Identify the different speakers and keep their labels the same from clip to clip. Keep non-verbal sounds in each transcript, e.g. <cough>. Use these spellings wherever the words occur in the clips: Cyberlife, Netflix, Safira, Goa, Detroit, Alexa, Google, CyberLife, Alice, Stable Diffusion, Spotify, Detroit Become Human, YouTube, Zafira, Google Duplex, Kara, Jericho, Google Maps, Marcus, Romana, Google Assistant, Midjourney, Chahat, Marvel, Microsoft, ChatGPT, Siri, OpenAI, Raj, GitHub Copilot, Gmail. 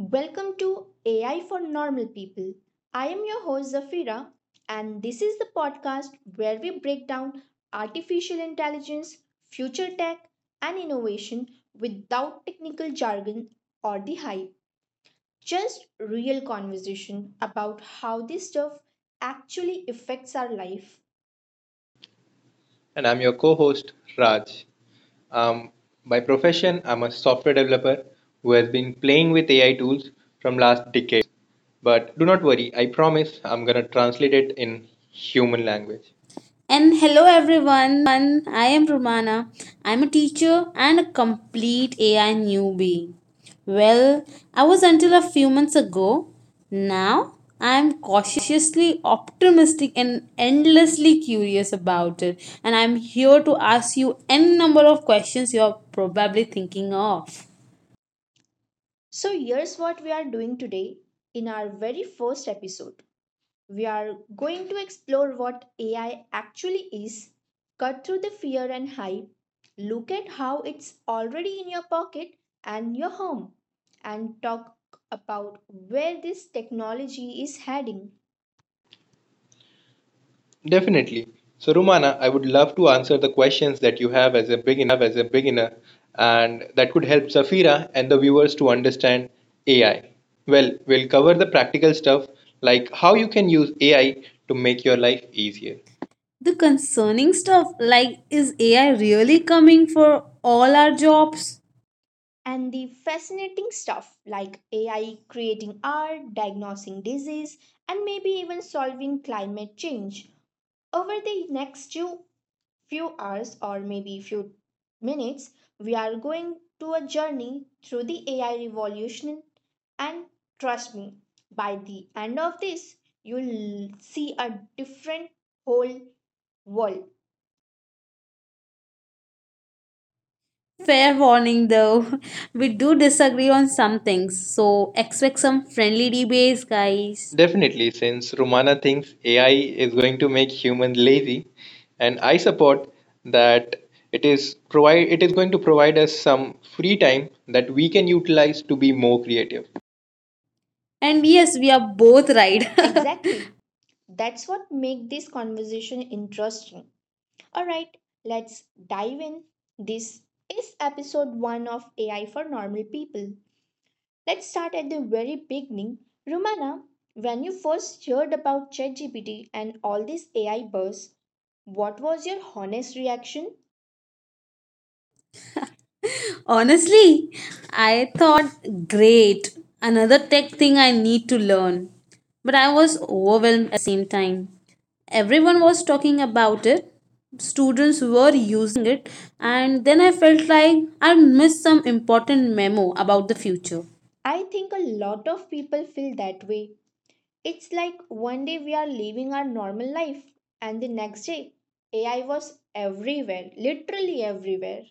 Speaker 1: welcome to AI for Normal People. I am your host Zafira, and this is the podcast where we break down artificial intelligence, future tech, and innovation without technical jargon or the hype. Just real conversation about how this stuff actually affects our life.
Speaker 2: And I'm your co host, Raj. Um, by profession, I'm a software developer who has been playing with AI tools from last decades. But do not worry, I promise I'm going to translate it in human language.
Speaker 3: And hello everyone, I am Romana. I'm a teacher and a complete AI newbie. Well, I was until a few months ago. Now, I'm cautiously optimistic and endlessly curious about it. And I'm here to ask you any number of questions you're probably thinking of.
Speaker 1: So, here's what we are doing today in our very first episode. We are going to explore what AI actually is, cut through the fear and hype, look at how it's already in your pocket and your home, and talk about where this technology is heading
Speaker 2: Definitely. So, Rumana, I would love to answer the questions that you have as a beginner, and that could help Safira and the viewers to understand AI. Well, we'll cover the practical stuff like how you can use AI to make your life easier.
Speaker 3: The concerning stuff like, is AI really coming for all our jobs?
Speaker 1: and the fascinating stuff like AI creating art, diagnosing disease, and maybe even solving climate change. Over the next two few hours or maybe few minutes, we are going to a journey through the AI revolution. And trust me, by the end of this, you'll see a different whole world.
Speaker 3: Fair warning though, <laughs> we do disagree on some things, so expect some friendly debates, guys.
Speaker 2: Definitely, since Romana thinks AI is going to make humans lazy, and I support that it is provide it is going to provide us some free time that we can utilize to be more creative.
Speaker 3: And yes, we are both right. <laughs>
Speaker 1: Exactly. That's what makes this conversation interesting. All right, let's dive in. This is episode 1 of AI for normal people. Let's start at the very beginning. Romana, when you first heard about ChatGPT and all this AI buzz, what was your honest reaction?
Speaker 3: Honestly, I thought, great, another tech thing I need to learn. But I was overwhelmed at the same time. Everyone was talking about it, students were using it, and then I felt like I missed some important memo about the future.
Speaker 1: I think a lot of people feel that way. It's like one day we are living our normal life, and the next day, AI was everywhere, literally everywhere.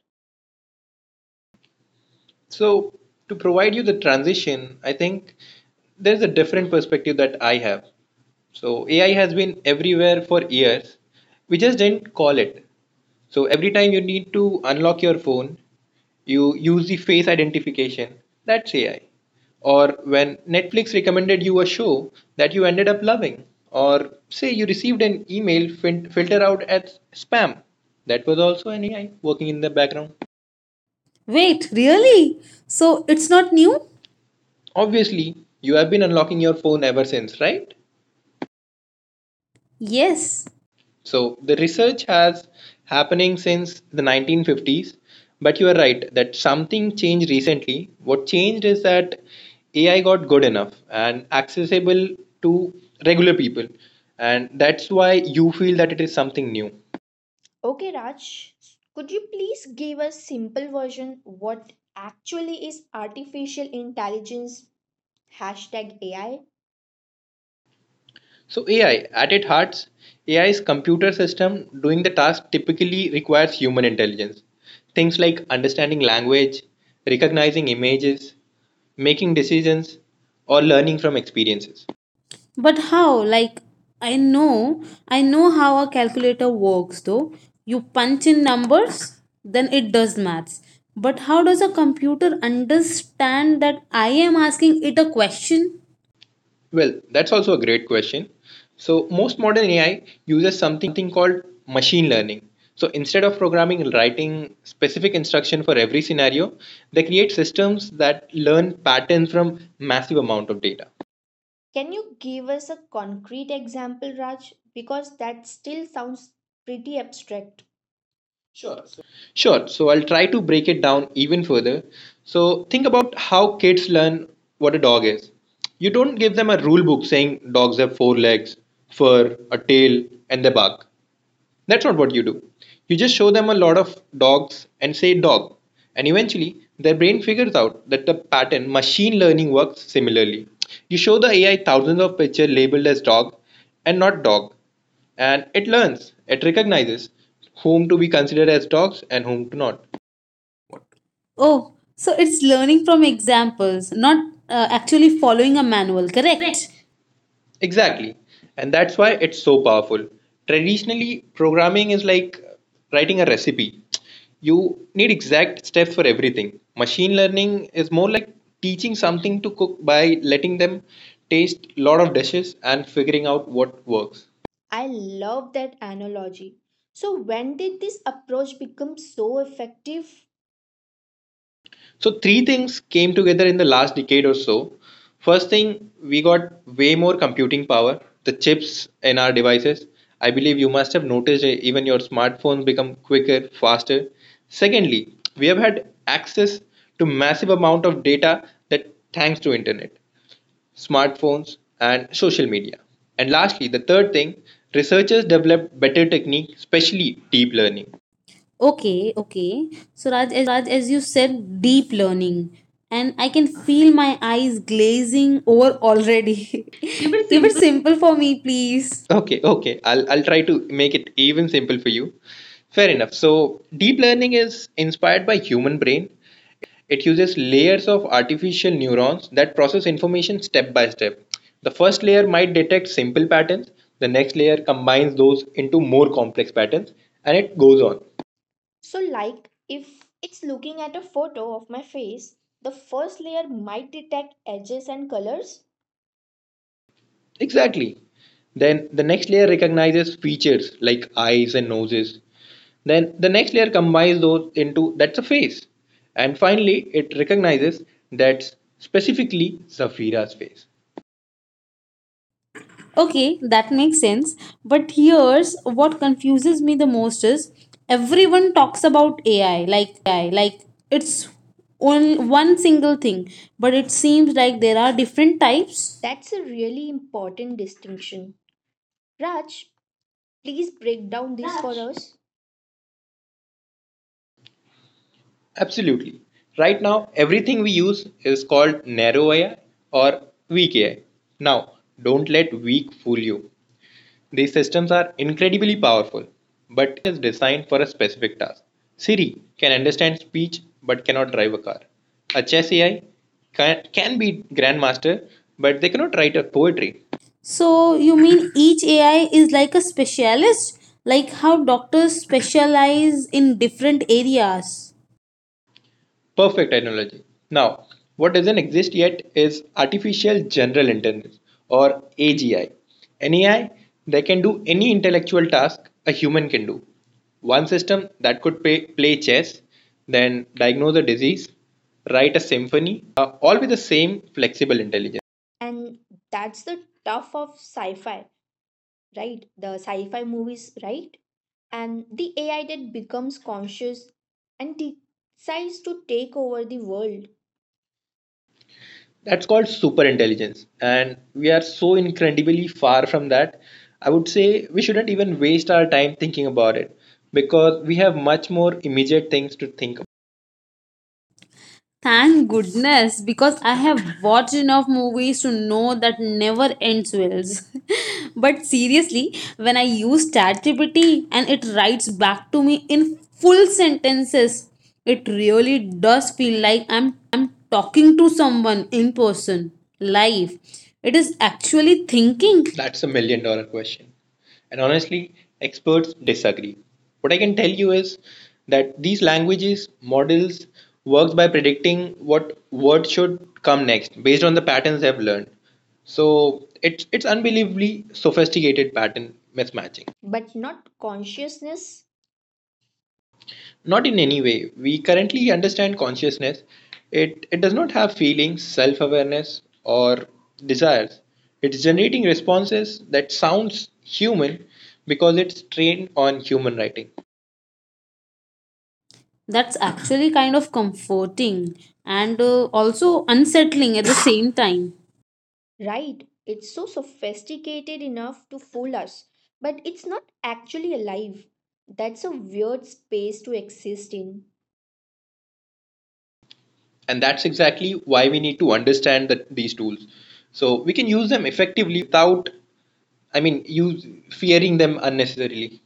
Speaker 2: So, to provide you the transition, I think there's a different perspective that I have. So, AI has been everywhere for years. We just didn't call it. So, every time you need to unlock your phone, you use the face identification. That's AI. Or when Netflix recommended you a show that you ended up loving. Or say you received an email filtered out as spam. That was also an AI working in the background.
Speaker 3: Wait, really? So it's not new?
Speaker 2: Obviously you have been unlocking your phone ever since, right?
Speaker 3: Yes,
Speaker 2: So the research has happening since the 1950s, but you are right that something changed recently. What changed is that AI got good enough and accessible to regular people, and that's why you feel that it is something new.
Speaker 1: Okay, Raj, could you please give a simple version what actually is artificial intelligence #AI?
Speaker 2: So AI, at its heart, AI is computer system doing the task typically requires human intelligence. Things like understanding language, recognizing images, making decisions, or learning from experiences.
Speaker 3: but how? Like, I know, I know how a calculator works though. You punch in numbers, then it does maths. But how does a computer understand that I am asking it a question?
Speaker 2: Well, that's also a great question. So most modern AI uses something called machine learning. So instead of programming and writing specific instruction for every scenario, they create systems that learn patterns from massive amount of data.
Speaker 1: Can you give us a concrete example, Raj? Because that still sounds pretty abstract.
Speaker 2: Sure. So I'll try to break it down even further. So think about how kids learn what a dog is. You don't give them a rule book saying dogs have four legs, fur, a tail, and they bark. That's not what you do. You just show them a lot of dogs and say dog, and eventually their brain figures out that the pattern machine learning works similarly. You show the AI thousands of pictures labeled as dog and not dog, and it learns, it recognizes whom to be considered as dogs and whom to not.
Speaker 3: Oh, so it's learning from examples, not actually following a manual, correct?
Speaker 2: Exactly. And that's why it's so powerful. Traditionally, programming is like writing a recipe. You need exact steps for everything. Machine learning is more like teaching something to cook by letting them taste lot of dishes and figuring out what works.
Speaker 1: I love that analogy. So, when did this approach become so effective?
Speaker 2: So three things came together in the last decade or so. First thing, we got way more computing power, the chips in our devices. I believe you must have noticed even your smartphones become quicker, faster. Secondly, we have had access to massive amount of data that thanks to internet, smartphones and social media. And lastly, the third thing, researchers developed better technique, especially deep learning.
Speaker 3: Okay. So, Raj, as you said, deep learning. And I can feel my eyes glazing over already. <laughs> Keep it simple for me, please.
Speaker 2: Okay, okay. I'll try to make it even simple for you. Fair enough. So deep learning is inspired by human brain. It uses layers of artificial neurons that process information step by step. The first layer might detect simple patterns, the next layer combines those into more complex patterns, and it goes on.
Speaker 1: So, like if it's looking at a photo of my face, the first layer might detect edges and colors.
Speaker 2: Exactly. Then the next layer recognizes features like eyes and noses. Then the next layer combines those into that's a face. And finally, it recognizes that's specifically Zafira's face.
Speaker 3: Okay, that makes sense. But here's what confuses me the most is everyone talks about AI like it's on one single thing, but it seems like there are different types.
Speaker 1: That's a really important distinction. Raj, please break down this for us.
Speaker 2: Absolutely. Right now, everything we use is called narrow AI or weak AI. Now, don't let weak fool you. These systems are incredibly powerful, but each one is designed for a specific task. Siri can understand speech but cannot drive a car. A chess AI can be grandmaster, but they cannot write a poetry.
Speaker 3: So you mean each AI is like a specialist, like how doctors specialize in different areas.
Speaker 2: Perfect analogy. Now, what doesn't exist yet is artificial general intelligence or AGI. An AI that can do any intellectual task a human can do. One system that could play chess, then diagnose a disease, write a symphony, all with the same flexible intelligence.
Speaker 1: And that's the tough of sci fi, right? The sci fi movies, right? And the AI that becomes conscious and decides to take over the world,
Speaker 2: That's called super intelligence. And we are so incredibly far from that. I would say we shouldn't even waste our time thinking about it because we have much more immediate things to think about.
Speaker 3: Thank goodness, because I have watched enough movies to know that never ends wells. <laughs> But seriously, when I use ChatGPT and it writes back to me in full sentences, it really does feel like I'm talking to someone in person, live. It is actually thinking.
Speaker 2: That's a million dollar question. And honestly, experts disagree. What I can tell you is that these languages models works by predicting what word should come next based on the patterns they have learned. So it's unbelievably sophisticated pattern mismatching.
Speaker 1: but not consciousness,
Speaker 2: Not in any way. We currently understand consciousness. It does not have feelings, self awareness, or desires. It's generating responses that sounds human because it's trained on human writing.
Speaker 3: That's actually kind of comforting and also unsettling at the same time.
Speaker 1: right? It's so sophisticated enough to fool us, but it's not actually alive. That's a weird space to exist in.
Speaker 2: And that's exactly why we need to understand these tools. So we can use them effectively without, I mean, use, fearing them unnecessarily.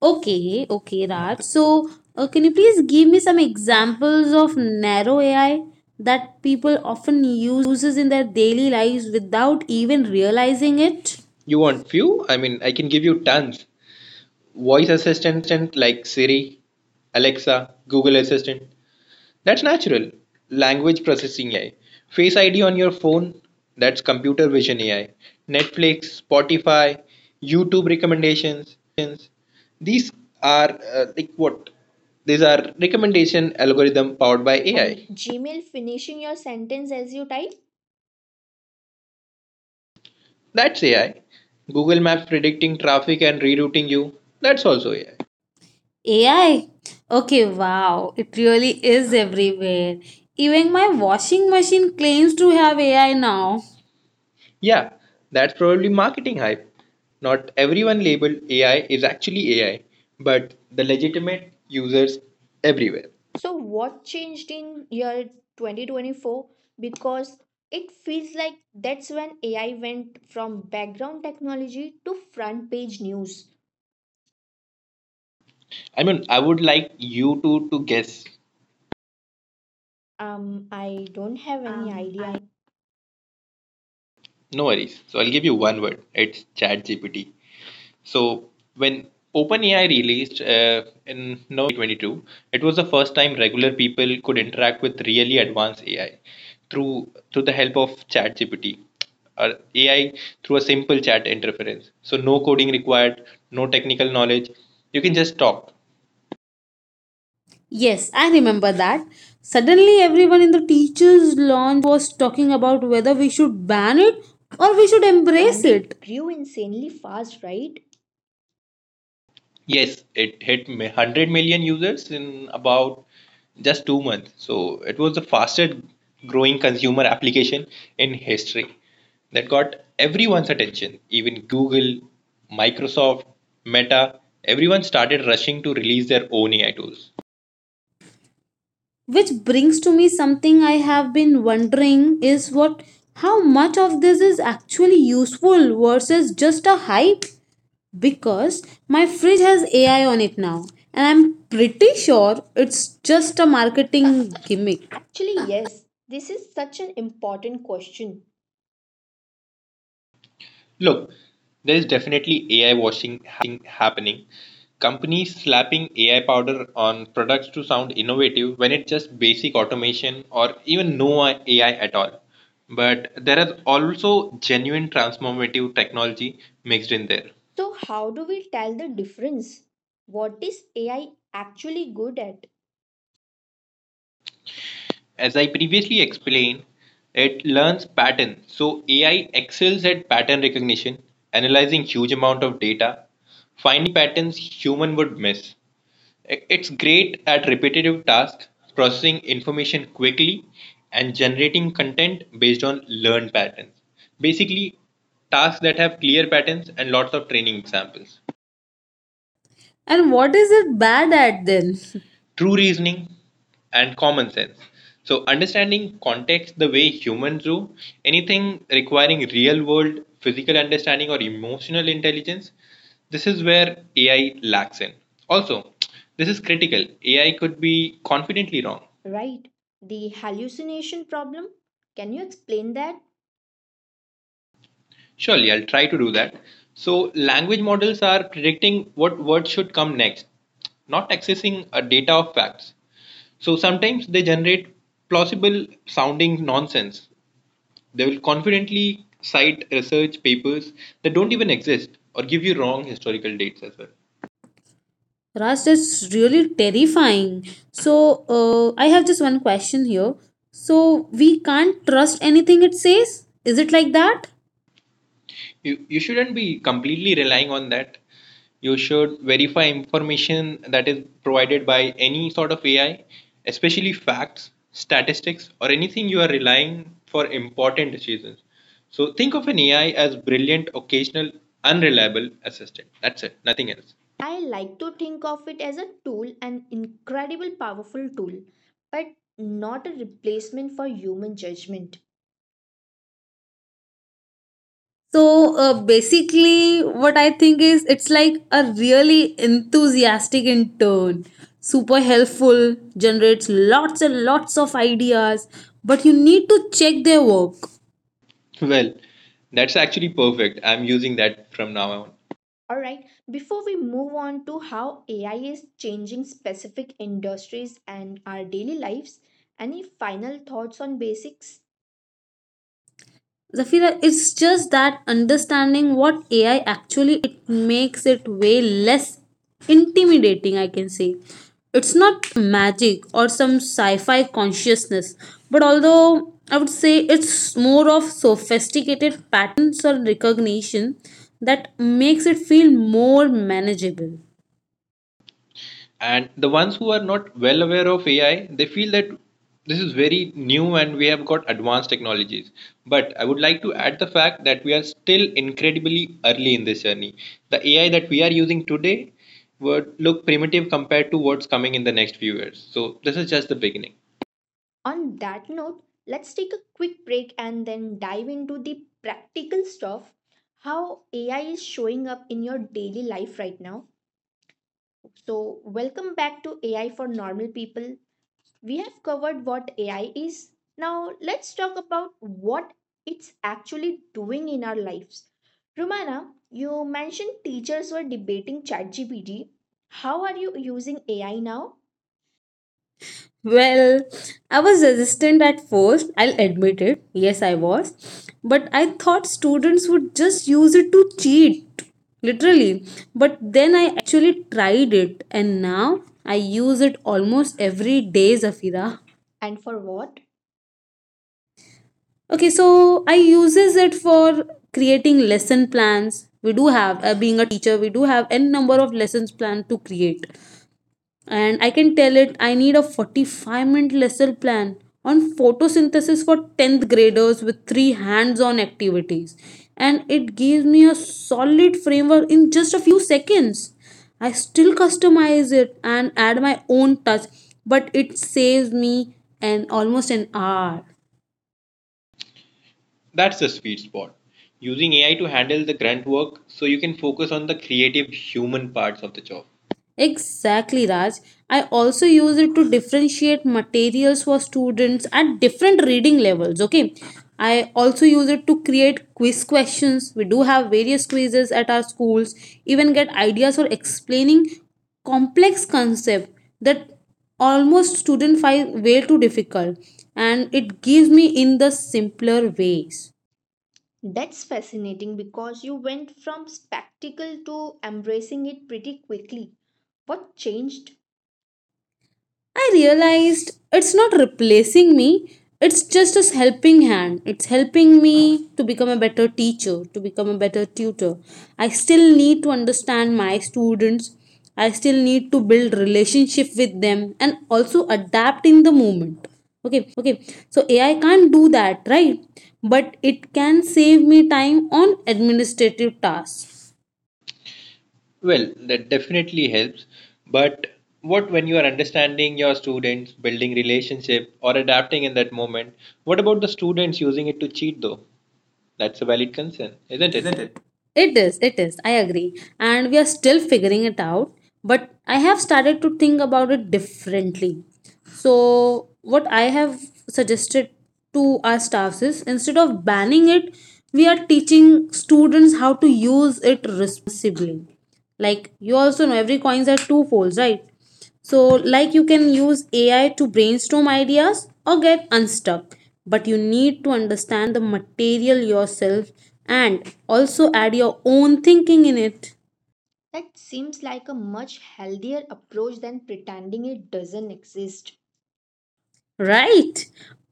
Speaker 3: Okay, Raj. So, can you please give me some examples of narrow AI that people often uses in their daily lives without even realizing it?
Speaker 2: You want few? I mean, I can give you tons. Voice assistant like Siri, Alexa, Google Assistant, that's natural. Language processing AI. Face ID on your phone, that's computer vision AI. Netflix, Spotify, YouTube recommendations. These are like what? These are recommendation algorithm powered by AI.
Speaker 1: And Gmail finishing your sentence as you type.
Speaker 2: That's AI. Google Maps predicting traffic and rerouting you. That's also AI.
Speaker 3: AI. Okay, wow. It really is everywhere. Even my washing machine claims to have AI now.
Speaker 2: Yeah, that's probably marketing hype. Not everyone labeled AI is actually AI, but the legitimate users everywhere.
Speaker 1: So, what changed in year 2024? Because it feels like that's when AI went from background technology to front page news.
Speaker 2: I mean, I would like you to guess.
Speaker 1: I don't have any
Speaker 2: I
Speaker 1: idea.
Speaker 2: no worries. So I'll give you one word. It's ChatGPT. So when OpenAI released in November 2022, it was the first time regular people could interact with really advanced AI through the help of ChatGPT or AI through a simple chat interference. So no coding required, no technical knowledge. You can just talk.
Speaker 3: Yes, I remember that. Suddenly, everyone in the teachers' lounge was talking about whether we should ban it or we should
Speaker 1: And
Speaker 3: embrace
Speaker 1: it
Speaker 3: it.
Speaker 1: grew insanely fast, right?
Speaker 2: Yes, it hit 100 million users in about just 2 months. So it was the fastest growing consumer application in history that got everyone's attention. Even Google, Microsoft, Meta, everyone started rushing to release their own AI tools.
Speaker 3: Which brings to me something I have been wondering is what how much of this is actually useful versus just a hype? Because my fridge has AI on it now, and I'm pretty sure it's just a marketing gimmick.
Speaker 1: Actually, yes, this is such an important question.
Speaker 2: Look, there is definitely AI washing happening. Companies slapping AI powder on products to sound innovative when it's just basic automation or even no AI at all. But there is also genuine transformative technology mixed in there.
Speaker 1: So, how do we tell the difference? What is AI actually good at,
Speaker 2: As I previously explained, it learns patterns. So AI excels at pattern recognition, analyzing huge amount of data, finding patterns human would miss. It's great at repetitive tasks, processing information quickly, and generating content based on learned patterns. Basically, tasks that have clear patterns and lots of training examples.
Speaker 3: And what is it bad at then? <laughs>
Speaker 2: True reasoning and common sense. So, understanding context the way humans do, anything requiring real world physical understanding or emotional intelligence, this is where AI lacks in. Also, this is critical. AI could be confidently wrong.
Speaker 1: right? The hallucination problem? Can you explain that?
Speaker 2: Surely, I'll try to do that. So, language models are predicting what words should come next, not accessing a data of facts. So, sometimes they generate plausible sounding nonsense. They will confidently cite research papers that don't even exist or give you wrong historical dates as well.
Speaker 3: Raj, that's really terrifying. So, I have just one question here. So, we can't trust anything it says? Is it like that?
Speaker 2: You shouldn't be completely relying on that. You should verify information that is provided by any sort of AI, especially facts, statistics, or anything you are relying for important decisions. So think of an AI as brilliant occasional unreliable assistant. That's it, nothing else.
Speaker 1: I like to think of it as a tool, an incredible powerful tool, but not a replacement for human judgment.
Speaker 3: So, basically, what I think is it's like a really enthusiastic intern. Super helpful, generates lots and lots of ideas, but you need to check their work.
Speaker 2: <laughs> Well, that's actually perfect. I'm using that from now on.
Speaker 1: Alright, before we move on to how AI is changing specific industries and our daily lives, any final thoughts on basics?
Speaker 3: Zafira, it's just that understanding what AI actually it makes it way less intimidating, I can say. It's not magic or some sci-fi consciousness, but although I would say it's more of sophisticated patterns or recognition that makes it feel more manageable.
Speaker 2: And the ones who are not well aware of AI, they feel that this is very new and we have got advanced technologies, but I would like to add the fact that we are still incredibly early in this journey. The AI that we are using today would look primitive compared to what's coming in the next few years. So this is just the beginning.
Speaker 1: On that note, let's take a quick break and then dive into the practical stuff how AI is showing up in your daily life right now. So, welcome back to AI for Normal People. We have covered what AI is. Now let's talk about what it's actually doing in our lives. Romana, you mentioned teachers were debating ChatGPT. How are you using AI now
Speaker 3: Well, I was resistant at first, I'll admit it. Yes, I was. But I thought students would just use it to cheat, literally. But then I actually tried it, and now I use it almost every day, Zafira.
Speaker 1: and for what?
Speaker 3: Okay, so I uses it for creating lesson plans. We do have, being a teacher, we do have n number of lessons plan to create, and I can tell it I need a 45-minute minute lesson plan on photosynthesis for 10th graders with three hands on activities. And it gives me a solid framework in just a few seconds. I still customize it and add my own touch, but it saves me an almost an hour.
Speaker 2: That's the sweet spot, using AI to handle the grunt work so you can focus on the creative human parts of the job.
Speaker 3: Exactly, Raj. I also use it to differentiate materials for students at different reading levels. Okay. I also use it to create quiz questions. We do have various quizzes at our schools, even get ideas for explaining complex concept that almost student find way too difficult and it gives me in the simpler ways.
Speaker 1: That's fascinating because you went from spectacle to embracing it pretty quickly. What changed?
Speaker 3: I realized it's not replacing me, it's just a helping hand. It's helping me to become a better teacher, to become a better tutor. I still need to understand my students. I still need to build relationship with them and also adapt in the moment. Okay, so AI can't do that, right? But it can save me time on administrative tasks
Speaker 2: Well, that definitely helps. But what when you are understanding your students, building relationship, or adapting in that moment? What about the students using it to cheat though? That's a valid concern, isn't it?
Speaker 3: isn't it? It is. I agree. And we are still figuring it out. But I have started to think about it differently. So, what I have suggested to our staffs is instead of banning it, we are teaching students how to use it responsibly. Like, you also know every coins has two folds, right? So, like you can use AI to brainstorm ideas or get unstuck, but you need to understand the material yourself and also add your own thinking in it,
Speaker 1: That seems like a much healthier approach than pretending it doesn't exist.
Speaker 3: right?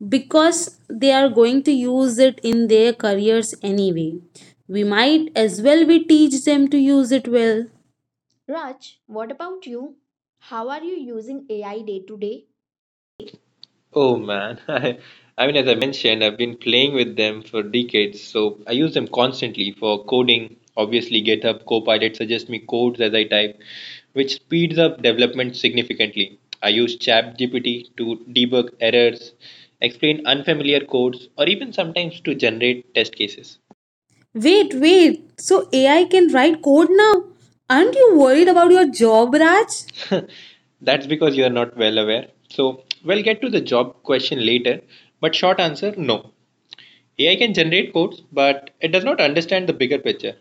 Speaker 3: Because they are going to use it in their careers anyway. We might as well we teach them to use it well.
Speaker 1: Raj, what about you? How are you using AI day to day?
Speaker 2: Oh man, <laughs> I mean, as I mentioned, I've been playing with them for decades, so I use them constantly for coding. Obviously, GitHub Copilot suggests me codes as I type, which speeds up development significantly. I use ChatGPT to debug errors, explain unfamiliar codes, or even sometimes to generate test cases.
Speaker 3: Wait. So AI can write code now? Aren't you worried about your job, Raj?
Speaker 2: That's because you are not well aware. So, we'll get to the job question later, but short answer no. AI can generate codes, but it does not understand the bigger picture.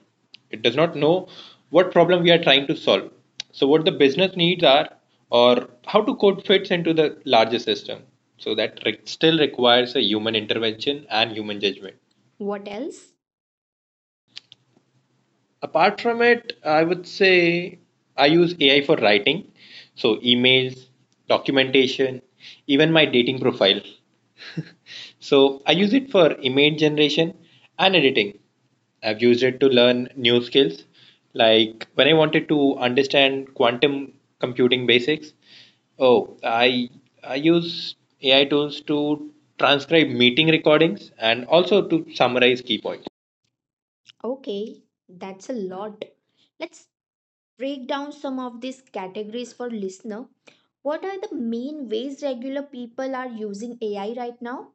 Speaker 2: It does not know what problem we are trying to solve. So, what the business needs are, or how to code fits into the larger system. So, that still requires a human intervention and human judgment.
Speaker 1: What else?
Speaker 2: Apart from it, I would say I use AI for writing. So, emails, documentation, even my dating profile. So I use it for image generation and editing. I've used it to learn new skills. Like when I wanted to understand quantum computing basics. Oh, I use AI tools to transcribe meeting recordings and also to summarize key points.
Speaker 1: Okay, that's a lot. Let's break down some of these categories for listener. What are the main ways regular people are using AI right now?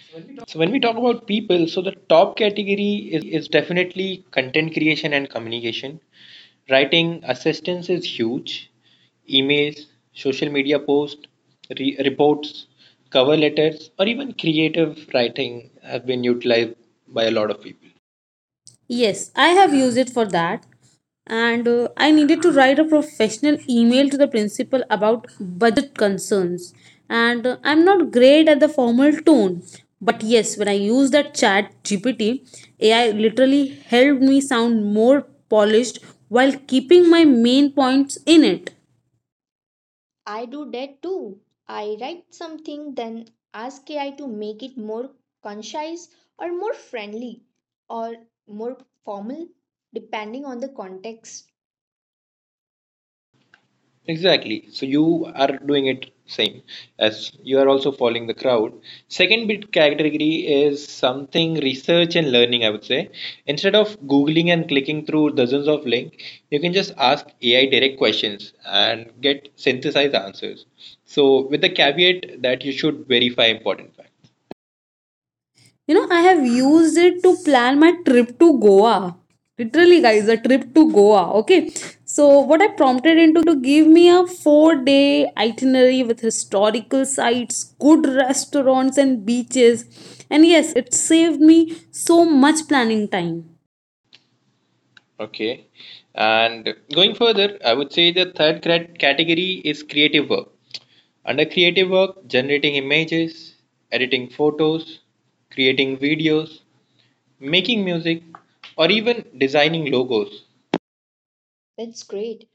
Speaker 1: So when we talk-
Speaker 2: So when we talk about people, so the top category is definitely content creation and communication. Writing assistance is huge. Emails, social media posts, reports, cover letters, or even creative writing have been utilized by a lot of people.
Speaker 3: Yes, I have used it for that. And I needed to write a professional email to the principal about budget concerns. And I'm not great at the formal tone. But yes, when I used that chat GPT, AI literally helped me sound more polished while keeping my main points in it.
Speaker 1: I do that too. I write something, then ask AI to make it more concise or more friendly or more formal, depending on the context.
Speaker 2: Exactly. So you are doing it same as you are also following the crowd. Second big category is something research and learning, I would say. Instead of Googling and clicking through dozens of links, you can just ask AI direct questions and get synthesized answers, so with the caveat that you should verify important facts.
Speaker 3: You know, I have used it to plan my trip to Goa. Literally, guys, a trip to Goa. Okay. So, what I prompted him to give me a 4-day itinerary with historical sites, good restaurants, and beaches. And yes, it saved me so much planning time.
Speaker 2: Okay. And going further, I would say the third category is creative work. Under creative work, generating images, editing photos, creating videos, making music, or even designing logos.
Speaker 1: That's great.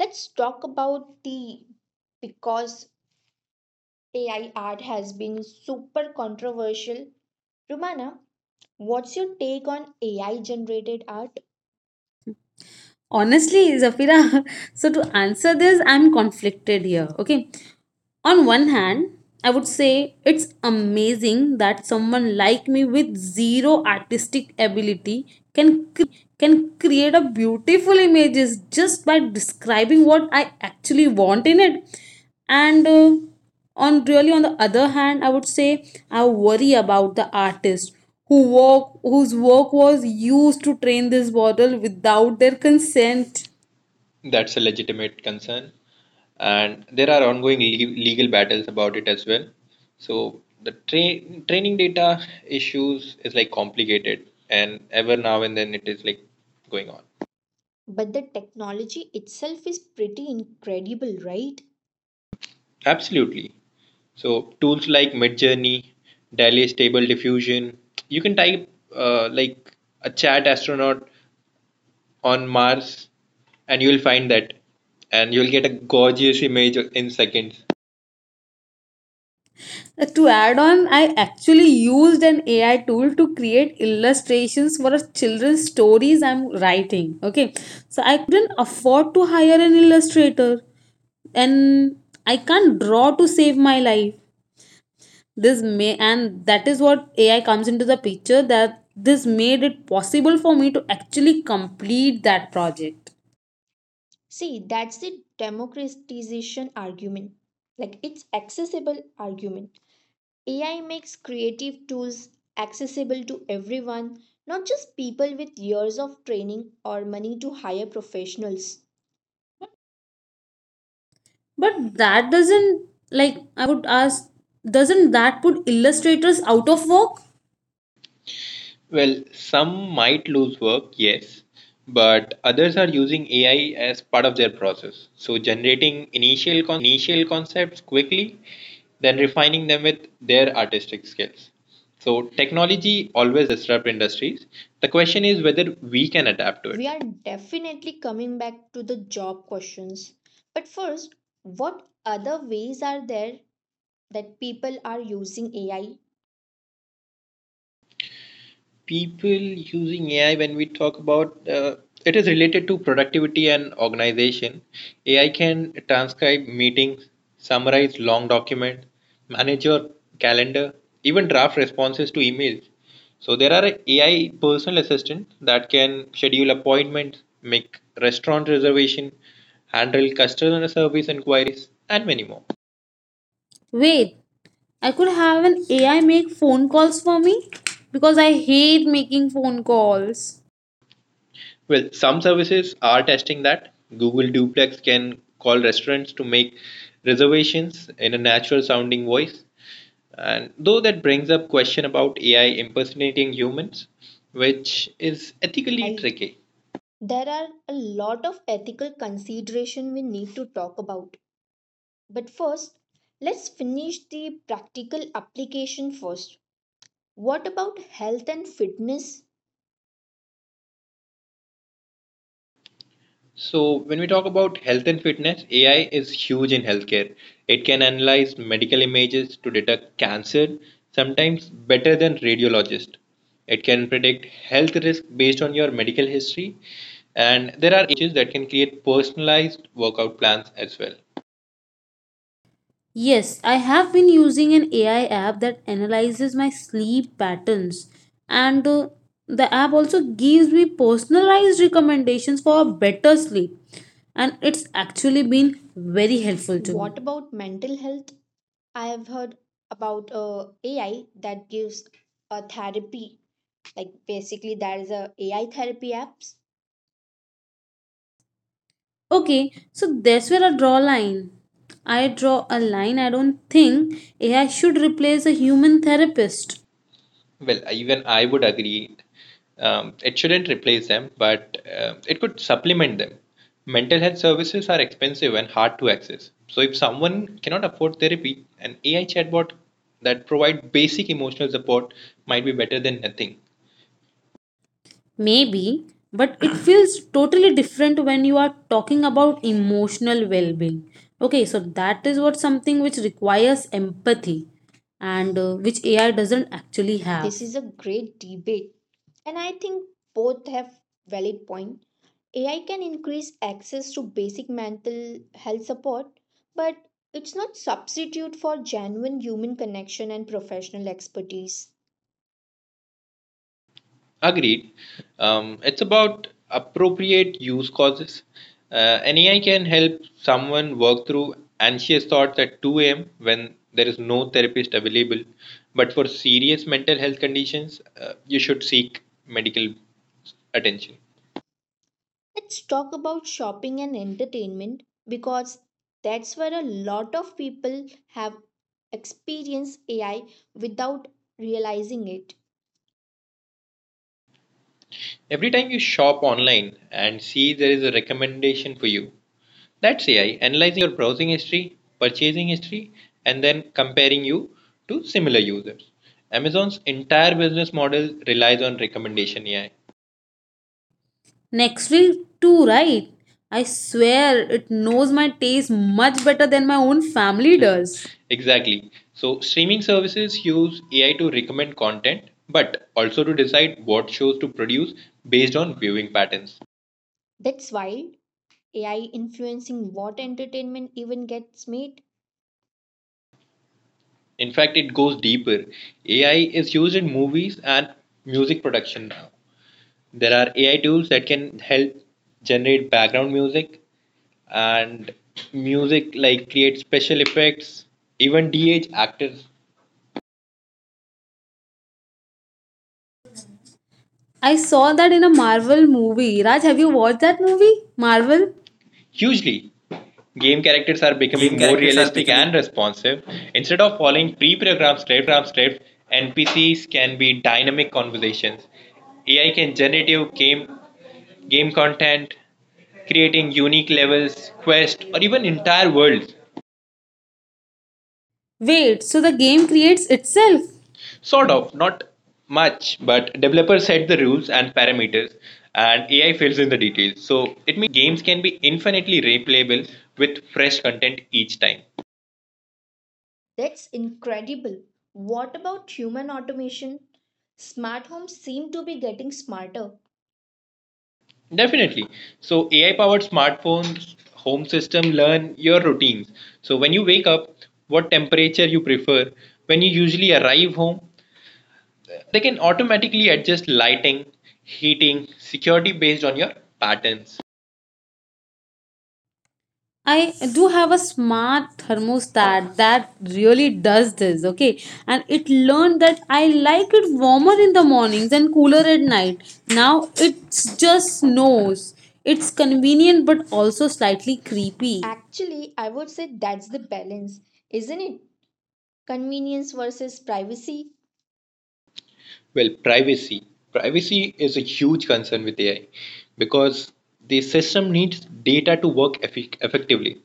Speaker 1: Let's talk about the because AI art has been super controversial. Romana, what's your take on AI generated art?
Speaker 3: Honestly, Zafira, <laughs> so to answer this, I'm conflicted here. Okay. On one hand, I would say it's amazing that someone like me with zero artistic ability can create a beautiful images just by describing what I actually want in it. And on really on the other hand, I would say I worry about the artist who work whose work was used to train this model without their consent.
Speaker 2: That's a legitimate concern. And there are ongoing legal battles about it as well. So the training data issues is like complicated, and ever now and then it is like going on.
Speaker 1: But the technology itself is pretty incredible, right?
Speaker 2: Absolutely. So tools like Midjourney, Daily Stable Diffusion. You can type like a chat astronaut on Mars, and you'll find that, and you'll get a gorgeous image in seconds.
Speaker 3: To add on, I actually used an AI tool to create illustrations for a children's stories I'm writing. Okay, so I couldn't afford to hire an illustrator, and I can't draw to save my life. This may and that is what AI comes into the picture that this made it possible for me to actually complete that project.
Speaker 1: See, that's the democratization argument. Like it's accessible argument. AI makes creative tools accessible to everyone, not just people with years of training or money to hire professionals.
Speaker 3: But that doesn't like I would ask doesn't that put illustrators out of work?
Speaker 2: Well, some might lose work, yes, but others are using AI as part of their process. So, generating initial concepts quickly, then refining them with their artistic skills. So, technology always disrupt industries. The question is whether we can adapt to
Speaker 1: We
Speaker 2: it.
Speaker 1: are definitely coming back to the job questions. But first, what other ways are there that people are using AI,
Speaker 2: People using AI when we talk about it is related to productivity and organization. AI can transcribe meetings, summarize long documents, manage your calendar, even draft responses to emails. So there are AI personal assistants that can schedule appointments, make restaurant reservation, handle customer service inquiries, and many more.
Speaker 3: Wait, I could have an AI make phone calls for me because I hate making phone calls.
Speaker 2: Well, some services are testing that. Google Duplex can call restaurants to make reservations in a natural sounding voice. And though that brings up question about AI impersonating humans, which is ethically
Speaker 1: right?
Speaker 2: tricky.
Speaker 1: There are a lot of ethical consideration we need to talk about. But first, let's finish the practical application first. What about health and fitness?
Speaker 2: So, when we talk about health and fitness, AI is huge in healthcare. It can analyze medical images to detect cancer, sometimes better than radiologists. It can predict health risk based on your medical history. And there are AI powered fitness coaches that can create personalized workout plans as well.
Speaker 3: Yes, I have been using an AI app that analyzes my sleep patterns, and the app also gives me personalized recommendations for a better sleep, and it's actually been very helpful to me.
Speaker 1: What about mental health? I have heard about AI that gives a therapy, like basically there is a AI therapy apps.
Speaker 3: Okay, so that's where I draw a line. I draw a line. I don't think AI should replace a human therapist.
Speaker 2: Well, even I would agree. It shouldn't replace them, but it could supplement them. Mental health services are expensive and hard to access. So, if someone cannot afford therapy, an AI chatbot that provides basic emotional support might be better than nothing.
Speaker 3: Maybe, but it feels totally different when you are talking about emotional well being. Okay, so that is what something which requires empathy and which AI doesn't actually have.
Speaker 1: This is a great debate, and I think both have valid point. AI can increase access to basic mental health support, but it's not substitute for genuine human connection and professional expertise.
Speaker 2: Agreed. It's about appropriate use causes. Uh, an AI can help someone work through anxious thoughts at 2 a.m. when there is no therapist available. But for serious mental health conditions, you should seek medical attention.
Speaker 1: Let's talk about shopping and entertainment because that's where a lot of people have experienced AI without realizing it.
Speaker 2: Every time you shop online and see there is a recommendation for you, that's AI analyzing your browsing history, purchasing history, and then comparing you to similar users. Amazon's entire business model relies on recommendation AI.
Speaker 3: Next week, too, right? I swear it knows my taste much better than my own family does.
Speaker 2: Exactly. So, streaming services use AI to recommend content, but also to decide what shows to produce based on viewing patterns.
Speaker 1: That's why AI influencing what entertainment even gets made?
Speaker 2: In fact, it goes deeper. AI is used in movies and music production now. There are AI tools that can help generate background music and music like create special effects, even DH actors.
Speaker 3: I saw that in a Marvel movie. Raj, have you watched that movie? Marvel?
Speaker 2: Hugely, game characters are
Speaker 3: Game
Speaker 2: becoming more
Speaker 3: characters are
Speaker 2: realistic
Speaker 3: becoming.
Speaker 2: and responsive. Instead of following pre-programmed scripts, NPCs can be dynamic conversations. AI can generate your game content, creating unique levels, quests, or even entire worlds.
Speaker 3: Wait, so the game creates itself?
Speaker 2: Sort of, not much, but developers set the rules and parameters, and AI fills in the details. So it means games can be infinitely replayable with fresh content each time.
Speaker 1: That's incredible. What about human automation? Smart homes seem to be getting smarter.
Speaker 2: Definitely. So AI powered smartphones, home system learn your routines. So when you wake up, what temperature you prefer, when you usually arrive home, they can automatically adjust lighting, heating, security based on your patterns.
Speaker 3: I do have a smart thermostat that really does this, okay? And it learned that I like it warmer in the mornings and cooler at night. Now it just knows. It's convenient but also slightly creepy.
Speaker 1: Actually, I would say that's the balance, isn't it? Convenience versus privacy.
Speaker 2: Well, privacy. Privacy is a huge concern with AI because the system needs data to work effi effectively.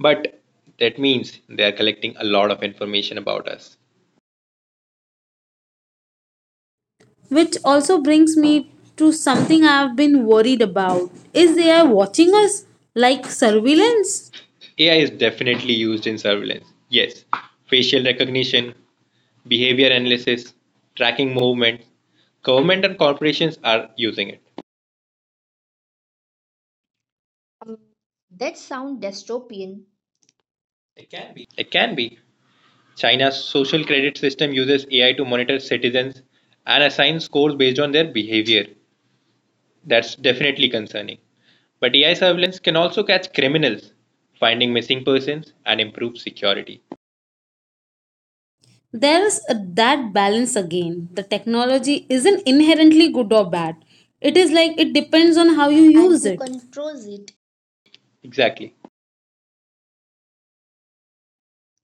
Speaker 2: But that means they are collecting a lot of information about us.
Speaker 3: Which also brings me to something I've been worried about. Is AI watching us like surveillance?
Speaker 2: AI is definitely used in surveillance. Yes, facial recognition, behavior analysis, tracking movement. Government and corporations are using it.
Speaker 1: Um, that sounds dystopian.
Speaker 2: It can be. China's social credit system uses AI to monitor citizens and assign scores based on their behavior. That's definitely concerning. But AI surveillance can also catch criminals, finding missing persons, and improve security.
Speaker 3: There's a, that balance again. The technology isn't inherently good or bad. It is like it depends on how you
Speaker 1: And
Speaker 3: use
Speaker 1: who
Speaker 3: it.
Speaker 1: controls it?
Speaker 2: Exactly.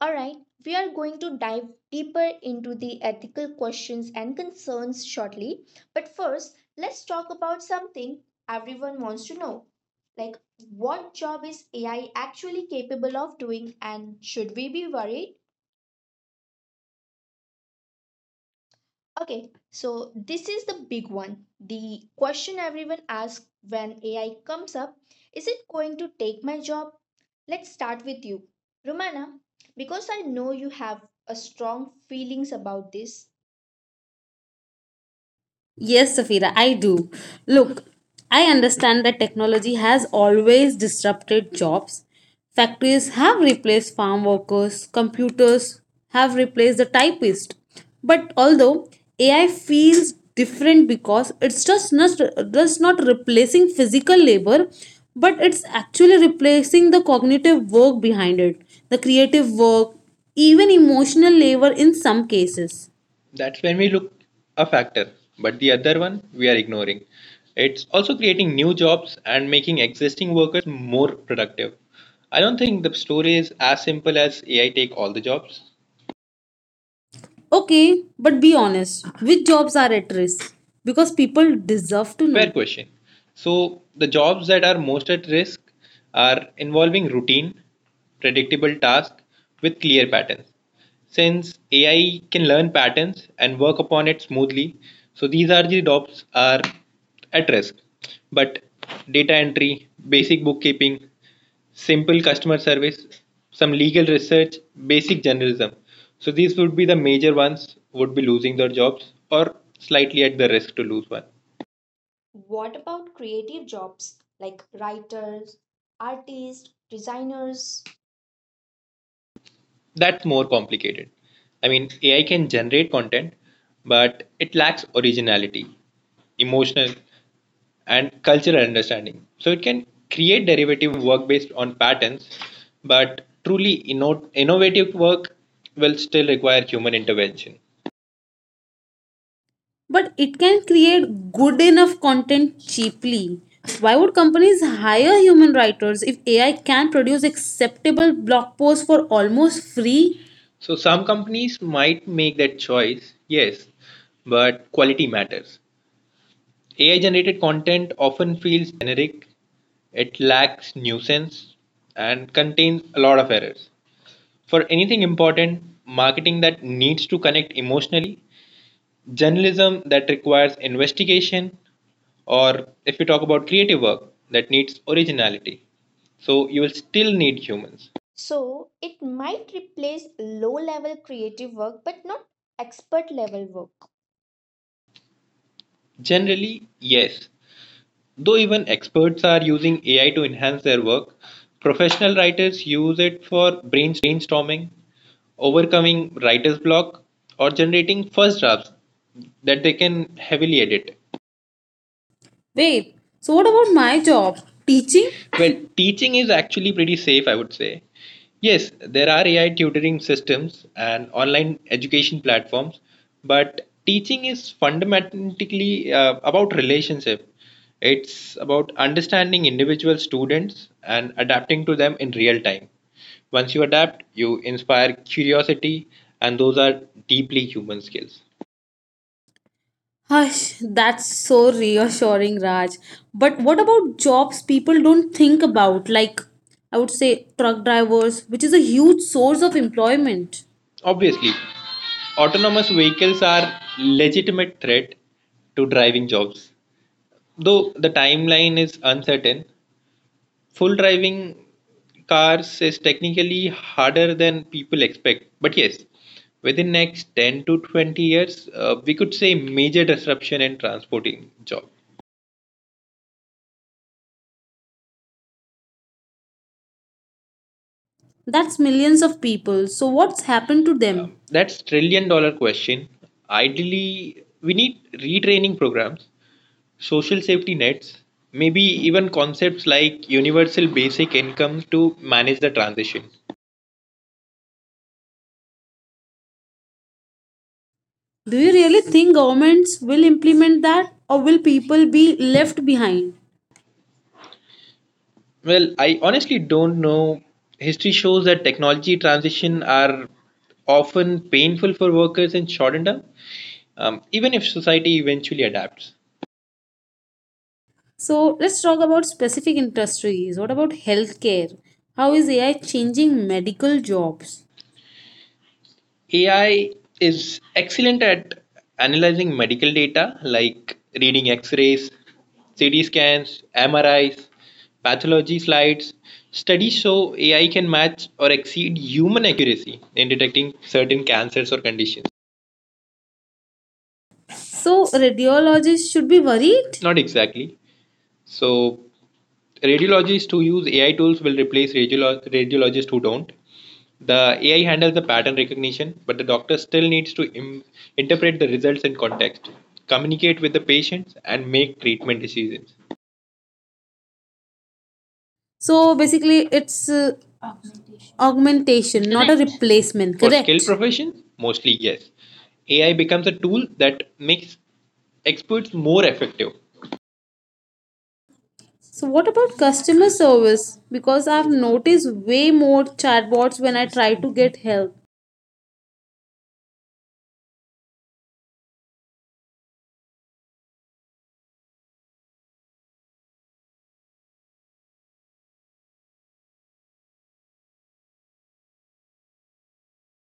Speaker 1: All right, we are going to dive deeper into the ethical questions and concerns shortly. But first, let's talk about something everyone wants to know. Like, what job is AI actually capable of doing, and should we be worried? Okay, so this is the big one. The question everyone asks when AI comes up is it going to take my job? Let's start with you, Romana, because I know you have a strong feelings about this.
Speaker 3: Yes, Safira, I do. Look, I understand that technology has always disrupted jobs. Factories have replaced farm workers, computers have replaced the typist. But although AI feels different because it's just not replacing physical labor, but it's actually replacing the cognitive work behind it, the creative work, even emotional labor in some cases.
Speaker 2: That's when we look a factor, but the other one we are ignoring. It's also creating new jobs and making existing workers more productive. I don't think the story is as simple as AI take all the jobs.
Speaker 3: Okay, but be honest. Which jobs are at risk? Because people deserve to
Speaker 2: Fair
Speaker 3: know.
Speaker 2: question. So, the jobs that are most at risk are involving routine, predictable tasks with clear patterns. Since AI can learn patterns and work upon it smoothly, so these are the jobs are at risk. But data entry, basic bookkeeping, simple customer service, some legal research, basic journalism. So these would be the major ones would be losing their jobs or slightly at the risk to lose one.
Speaker 1: What about creative jobs like writers, artists, designers?
Speaker 2: That's more complicated. I mean, AI can generate content, but it lacks originality, emotional, and cultural understanding. So it can create derivative work based on patterns, but truly innovative work will still require human intervention.
Speaker 3: But it can create good enough content cheaply. Why would companies hire human writers if AI can produce acceptable blog posts for almost free?
Speaker 2: So some companies might make that choice, yes, but quality matters. AI generated content often feels generic, it lacks nuisance, and contains a lot of errors. For anything important, marketing that needs to connect emotionally, journalism that requires investigation, or if you talk about creative work that needs originality. So you will still need humans.
Speaker 1: So it might replace low level creative work but not expert level work.
Speaker 2: Generally, yes. Though even experts are using AI to enhance their work, professional writers use it for brainstorming, overcoming writer's block, or generating first drafts that they can heavily edit.
Speaker 3: Wait, so what about my job? Teaching?
Speaker 2: Well, teaching is actually pretty safe, I would say. Yes, there are AI tutoring systems and online education platforms, but teaching is fundamentally about relationship. It's about understanding individual students and adapting to them in real time. Once you adapt, you inspire curiosity, and those are deeply human skills.
Speaker 3: Hush, that's so reassuring, Raj. But what about jobs people don't think about? Like, I would say truck drivers, which is a huge source of employment.
Speaker 2: Obviously, autonomous vehicles are legitimate threat to driving jobs. Though the timeline is uncertain, full driving cars is technically harder than people expect. But yes, within next 10 to 20 years, we could say major disruption in transporting job.
Speaker 3: That's millions of people. So what's happened to them?
Speaker 2: That's trillion dollar question. Ideally, we need retraining programs, social safety nets, maybe even concepts like universal basic income to manage the transition.
Speaker 3: Do you really think governments will implement that or will people be left behind?
Speaker 2: Well, I honestly don't know. History shows that technology transition are often painful for workers in short term, even if society eventually adapts.
Speaker 3: So let's talk about specific industries. What about healthcare? How is AI changing medical jobs?
Speaker 2: AI is excellent at analyzing medical data like reading X-rays, CT scans, MRIs, pathology slides. Studies show AI can match or exceed human accuracy in detecting certain cancers or conditions.
Speaker 3: So radiologists should be worried.
Speaker 2: Not exactly. So radiologists who use AI tools will replace radiologists who don't. The AI handles the pattern recognition, but the doctor still needs to interpret the results in context, communicate with the patients, and make treatment decisions.
Speaker 3: So basically it's augmentation, not a
Speaker 2: Correct.
Speaker 3: replacement,
Speaker 2: For skilled
Speaker 3: correct?
Speaker 2: professions, mostly yes. AI becomes a tool that makes experts more effective,
Speaker 3: So what about customer service? Because I've noticed way more chatbots when I try to get help.